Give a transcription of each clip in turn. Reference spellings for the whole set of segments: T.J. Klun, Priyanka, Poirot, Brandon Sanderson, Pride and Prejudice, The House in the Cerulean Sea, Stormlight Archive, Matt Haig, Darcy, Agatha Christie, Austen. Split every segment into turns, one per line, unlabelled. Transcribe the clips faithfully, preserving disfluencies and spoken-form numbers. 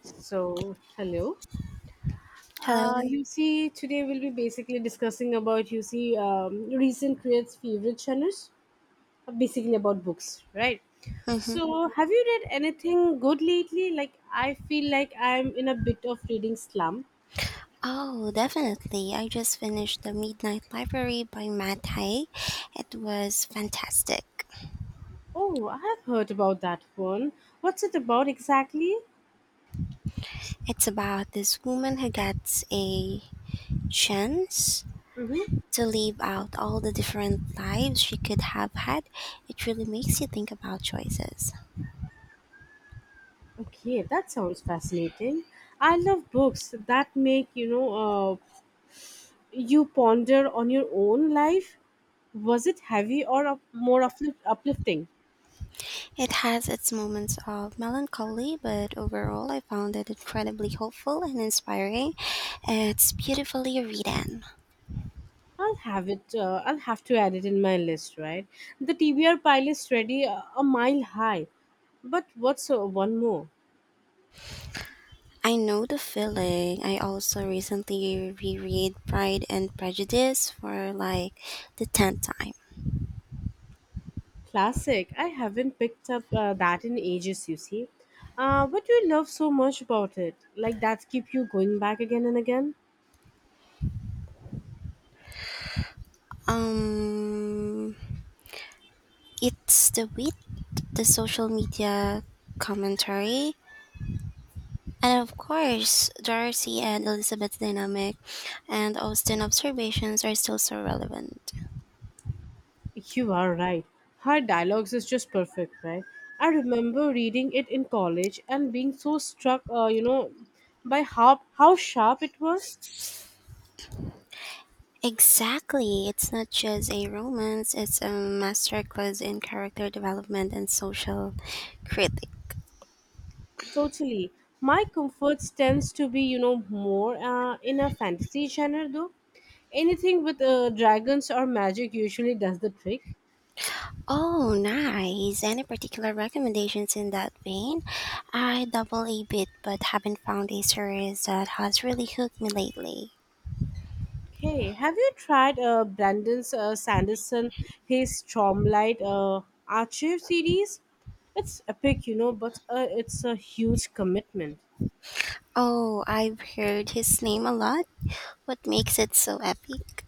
So, hello. Uh,
Hello.
you see, today we'll be basically discussing about you see um, recent creates favorite genres, uh, basically about books, right?
hmm
So, have you read anything good lately? Like, I feel like I'm in a bit of reading slump.
Oh, definitely. I just finished The Midnight Library by Matt Haig. It was fantastic.
Oh, I have heard about that one. What's it about exactly?
It's about this woman who gets a chance
Mm-hmm.
to live out all the different lives she could have had. It really makes you think about choices.
Okay, that sounds fascinating. I love books that make you know uh, you ponder on your own life. Was it heavy or up, more uplift, uplifting?
It has its moments of melancholy, but overall, I found it incredibly hopeful and inspiring. It's beautifully written.
I'll have it uh, i'll have to add it in my list, right? The T B R pile is ready, uh, a mile high. But what's uh, one more?
I know the feeling. I also recently reread Pride and Prejudice for like the tenth time.
Classic. I haven't picked up uh, that in ages, you see. Uh, what do you love so much about it, like that keep you going back again and again?
Um it's the wit, the social media commentary, and of course, Darcy and Elizabeth's dynamic and Austen observations are still so relevant.
You are right. Her dialogues is just perfect, right? I remember reading it in college and being so struck, uh, you know, by how how sharp it was.
Exactly. It's not just a romance, it's a masterclass in character development and social critique.
Totally. My comforts tends to be, you know, more uh, in a fantasy genre though. Anything with uh, dragons or magic usually does the trick.
Oh, nice. Any particular recommendations in that vein? I double a bit but haven't found a series that has really hooked me lately.
Hey, have you tried uh, Brandon uh, Sanderson, his Stormlight uh, Archive series? It's epic, you know, but uh, it's a huge commitment.
Oh, I've heard his name a lot. What makes it so epic?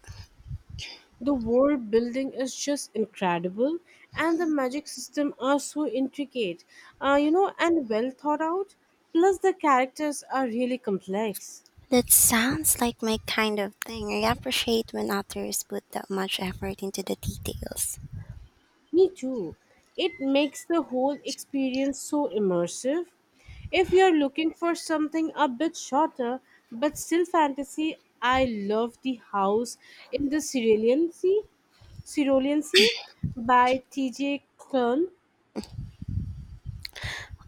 The world building is just incredible, and the magic system are so intricate, uh, you know, and well thought out. Plus, the characters are really complex.
That sounds like my kind of thing. I appreciate when authors put that much effort into the details.
Me too. It makes the whole experience so immersive. If you're looking for something a bit shorter but still fantasy, I love The House in the Cerulean Sea, Cerulean Sea by T J. Klun.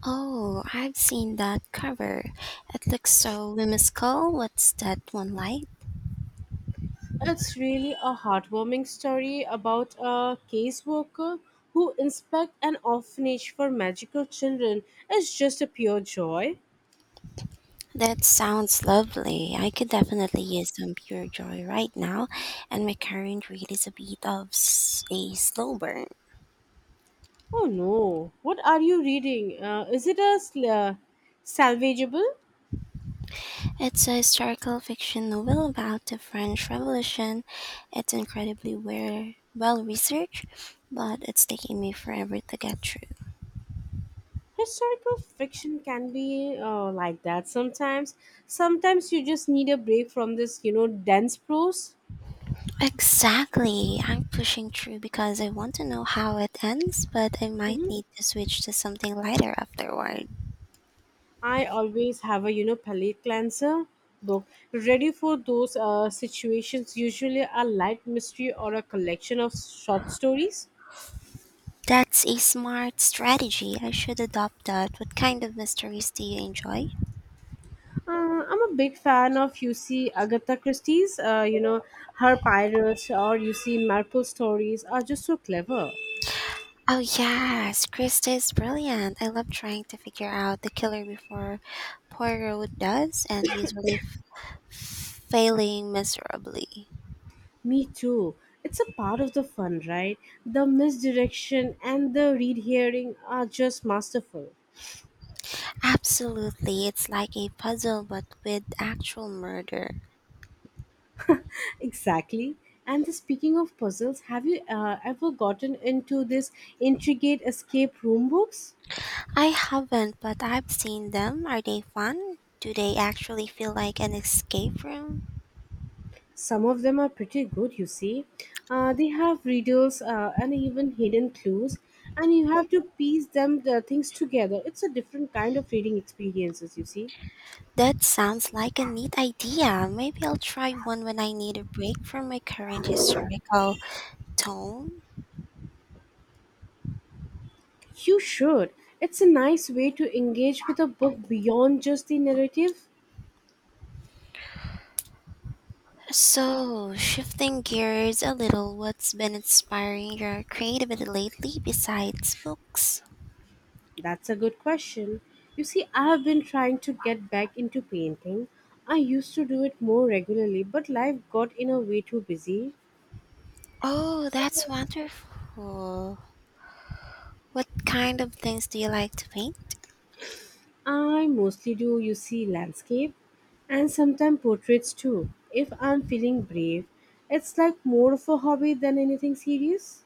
Oh, I've seen that cover. It looks so whimsical. What's that one like?
It's really a heartwarming story about a caseworker who inspects an orphanage for magical children. It's just a pure joy.
That sounds lovely. I could definitely use some pure joy right now, and my current read is a bit of s- a slow burn.
Oh no, what are you reading? Uh, is it a sl- uh, salvageable?
It's a historical fiction novel about the French Revolution. It's incredibly well well researched, but it's taking me forever to get through.
Historical fiction can be uh, like that sometimes. Sometimes you just need a break from this, you know, dense prose.
Exactly. I'm pushing through because I want to know how it ends, but I might
Mhm.
need to switch to something lighter afterward.
I always have a, you know, palate cleanser book ready for those uh, situations, usually a light mystery or a collection of short stories.
That's a smart strategy. I should adopt that. What kind of mysteries do you enjoy?
Uh, I'm a big fan of you see Agatha Christie's. Uh, you know her pirates or you see Marple stories are just so clever.
Oh, yes. Krista is brilliant. I love trying to figure out the killer before Poirot does, and usually f- failing miserably.
Me too. It's a part of the fun, right? The misdirection and the read hearing are just masterful.
Absolutely. It's like a puzzle, but with actual murder.
Exactly. And the, speaking of puzzles, have you uh, ever gotten into this intricate escape room books?
I haven't, but I've seen them. Are they fun? Do they actually feel like an escape room?
Some of them are pretty good, you see. Uh, they have riddles uh, and even hidden clues, and you have to piece them the things together. It's a different kind of reading experiences, you see.
That sounds like a neat idea. Maybe I'll try one when I need a break from my current historical tone.
You should. It's a nice way to engage with a book beyond just the narrative.
So, shifting gears a little, what's been inspiring your creativity lately besides books?
That's a good question. You see, I have been trying to get back into painting. I used to do it more regularly, but life got in a way too busy.
Oh, that's wonderful. What kind of things do you like to paint?
I mostly do, you see, landscape and sometimes portraits too. If I'm feeling brave, it's like more of a hobby than anything serious.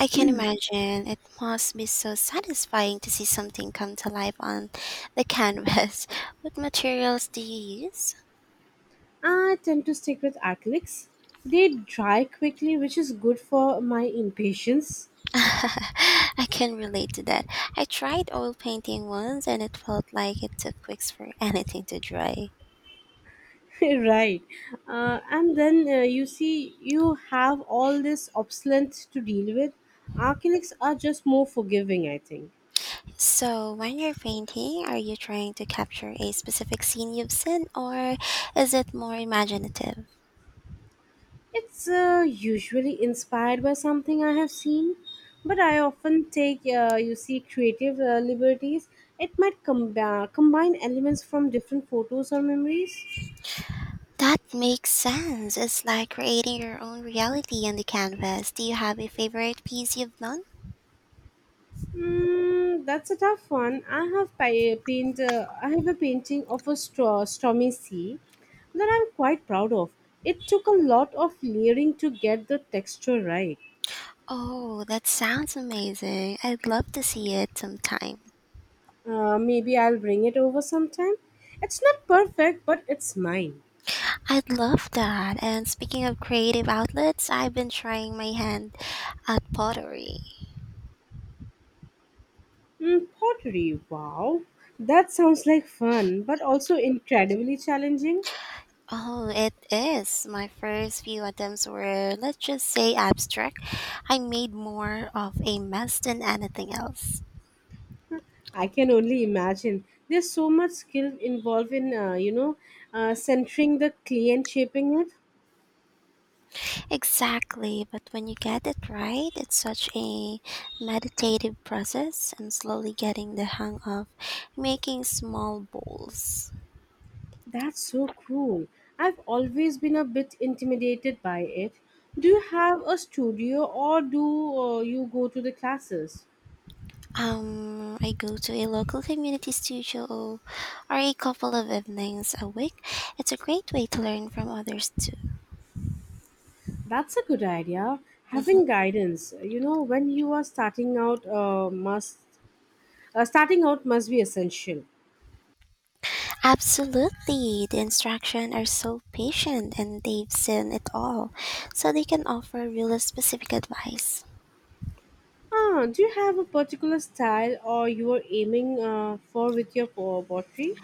I can imagine it must be so satisfying to see something come to life on the canvas. What materials do you use?
I tend to stick with acrylics. They dry quickly, which is good for my impatience.
I can relate to that. I tried oil painting once and it felt like it took weeks for anything to dry.
Right. Uh, and then uh, you see, you have all this obsolete to deal with. Acrylics are just more forgiving, I think.
So, when you're painting, are you trying to capture a specific scene you've seen or is it more imaginative?
It's uh, usually inspired by something I have seen, but I often take, uh, you see, creative uh, liberties. It might com- uh, combine elements from different photos or memories.
That makes sense. It's like creating your own reality on the canvas. Do you have a favorite piece you've done?
Mm, that's a tough one. I have pa- paint. Uh, I have a painting of a straw, stormy sea that I'm quite proud of. It took a lot of layering to get the texture right.
Oh, that sounds amazing. I'd love to see it sometime.
Uh, maybe I'll bring it over sometime. It's not perfect, but it's mine.
I'd love that. And speaking of creative outlets, I've been trying my hand at pottery.
Mm, pottery, wow. That sounds like fun, but also incredibly challenging.
Oh, it is. My first few attempts were, let's just say, abstract. I made more of a mess than anything else.
I can only imagine. There's so much skill involved in, uh, you know, uh, centering the clay and shaping it.
Exactly, but when you get it right, it's such a meditative process. I'm slowly getting the hang of making small bowls.
That's so cool. I've always been a bit intimidated by it. Do you have a studio or do uh, you go to the classes?
Um, I go to a local community studio or a couple of evenings a week. It's a great way to learn from others too.
That's a good idea.
Mm-hmm.
Having guidance, you know, when you are starting out, uh, must uh, starting out must be essential.
Absolutely. The instruction are so patient and they've seen it all, so they can offer really specific advice.
Ah, do you have a particular style or you are aiming uh, for with your po- pottery?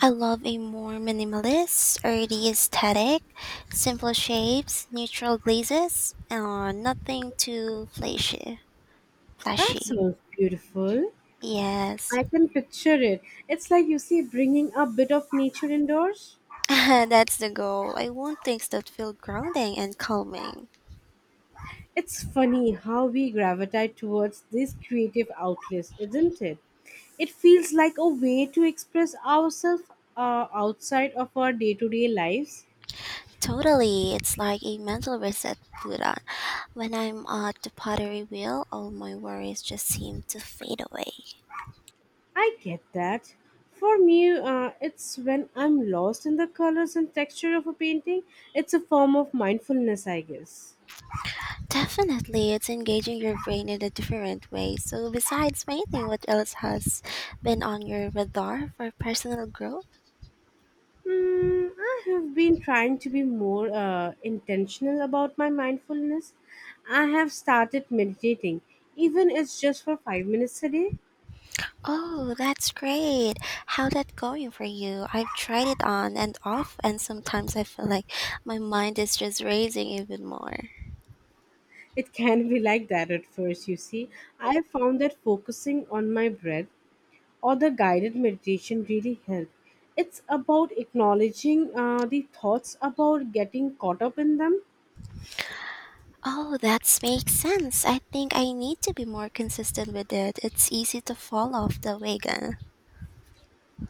I love a more minimalist, earthy aesthetic, simple shapes, neutral glazes, and nothing too flashy.
That
Flashy.
sounds beautiful.
Yes.
I can picture it. It's like you see bringing a bit of nature indoors.
That's the goal. I want things that feel grounding and calming.
It's funny how we gravitate towards these creative outlets, isn't it? It feels like a way to express ourselves uh, outside of our day-to-day lives.
Totally, it's like a mental reset button. When I'm at the pottery wheel, all my worries just seem to fade away.
I get that. For me, uh, it's when I'm lost in the colors and texture of a painting. It's a form of mindfulness, I guess.
Definitely, it's engaging your brain in a different way. So, besides painting, what else has been on your radar for personal growth?
Mm, I have been trying to be more uh, intentional about my mindfulness. I have started meditating, even it's just for five minutes a day.
Oh, that's great. How's that going for you? I've tried it on and off, and sometimes I feel like my mind is just racing even more.
It can be like that at first, you see. I found that focusing on my breath or the guided meditation really help. It's about acknowledging uh, the thoughts about getting caught up in them.
Oh, that makes sense. I think I need to be more consistent with it. It's easy to fall off the wagon.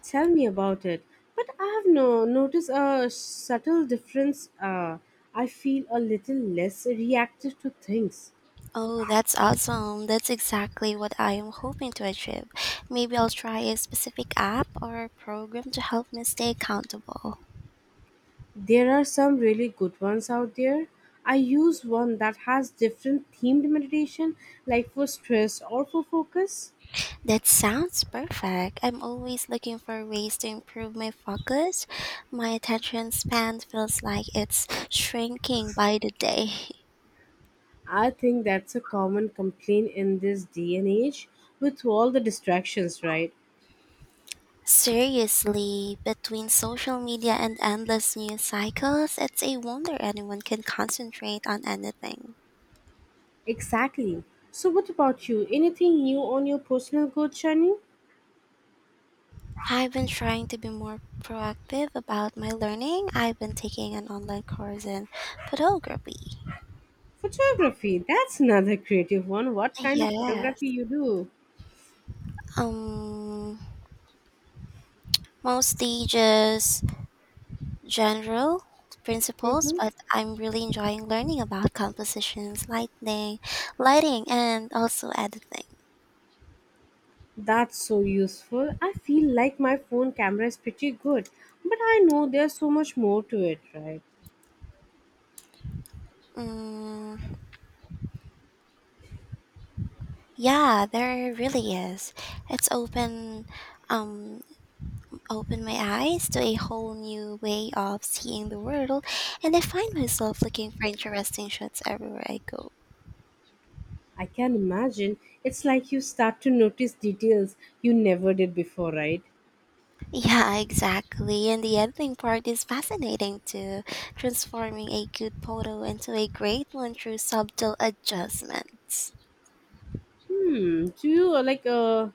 Tell me about it. But I have no, noticed a subtle difference. Uh, I feel a little less reactive to things.
Oh, that's awesome. That's exactly what I am hoping to achieve. Maybe I'll try a specific app or program to help me stay accountable.
There are some really good ones out there. I use one that has different themed meditation, like for stress or for focus.
That sounds perfect. I'm always looking for ways to improve my focus. My attention span feels like it's shrinking by the day.
I think that's a common complaint in this day and age with all the distractions, right?
Seriously, between social media and endless news cycles, it's a wonder anyone can concentrate on anything.
Exactly. So, what about you? Anything new on your personal growth journey?
I've been trying to be more proactive about my learning. I've been taking an online course in photography.
Photography. That's another creative one. What kind of
Yes.
photography you do?
Um Mostly just general principles,
Mm-hmm.
but I'm really enjoying learning about compositions, lighting, lighting and also editing.
That's so useful. I feel like my phone camera is pretty good, but I know there's so much more to it, right?
Mm. Yeah, there really is. It's open um opened my eyes to a whole new way of seeing the world and I find myself looking for interesting shots everywhere I go.
I can imagine it's like you start to notice details you never did before, right?
Yeah, exactly. And the editing part is fascinating too, transforming a good photo into a great one through subtle adjustments.
Hmm. Do you uh, like uh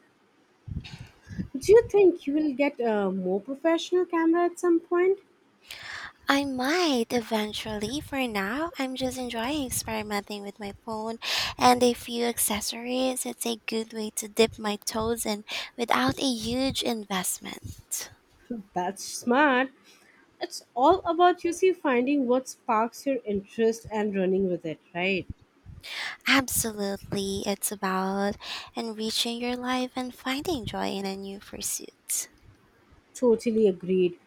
Do you think you will get a more professional camera at some point?
I might eventually. For now, I'm just enjoying experimenting with my phone and a few accessories. It's a good way to dip my toes in without a huge investment.
That's smart. It's all about you see finding what sparks your interest and running with it, right?
Absolutely. It's about enriching your life and finding joy in a new pursuit.
Totally agreed.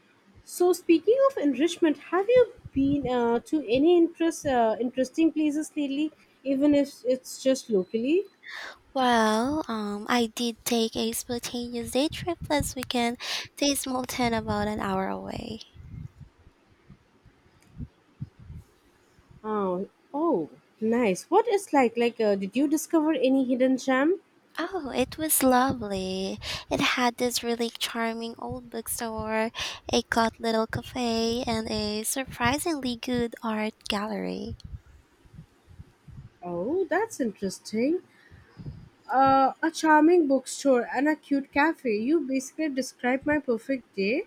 So speaking of enrichment, have you been uh, to any interest uh, interesting places lately? Even if it's just locally.
Well, um, I did take a spontaneous day trip last weekend to a small town about an hour away.
Oh, oh, nice. What is like like? Uh, did you discover any hidden gem?
Oh, it was lovely. It had this really charming old bookstore, a cute little cafe, and a surprisingly good art gallery.
Oh, that's interesting. uh, a charming bookstore, and a cute cafe. You basically described my perfect day.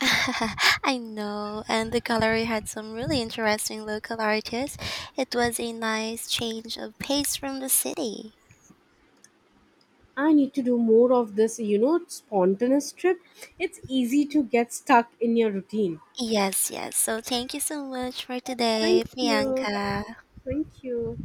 I know, and the gallery had some really interesting local artists. It was a nice change of pace from the city.
I need to do more of this, you know, spontaneous trip. It's easy to get stuck in your routine.
Yes, yes. So thank you so much for today,
Thank you.
Priyanka.
Thank you.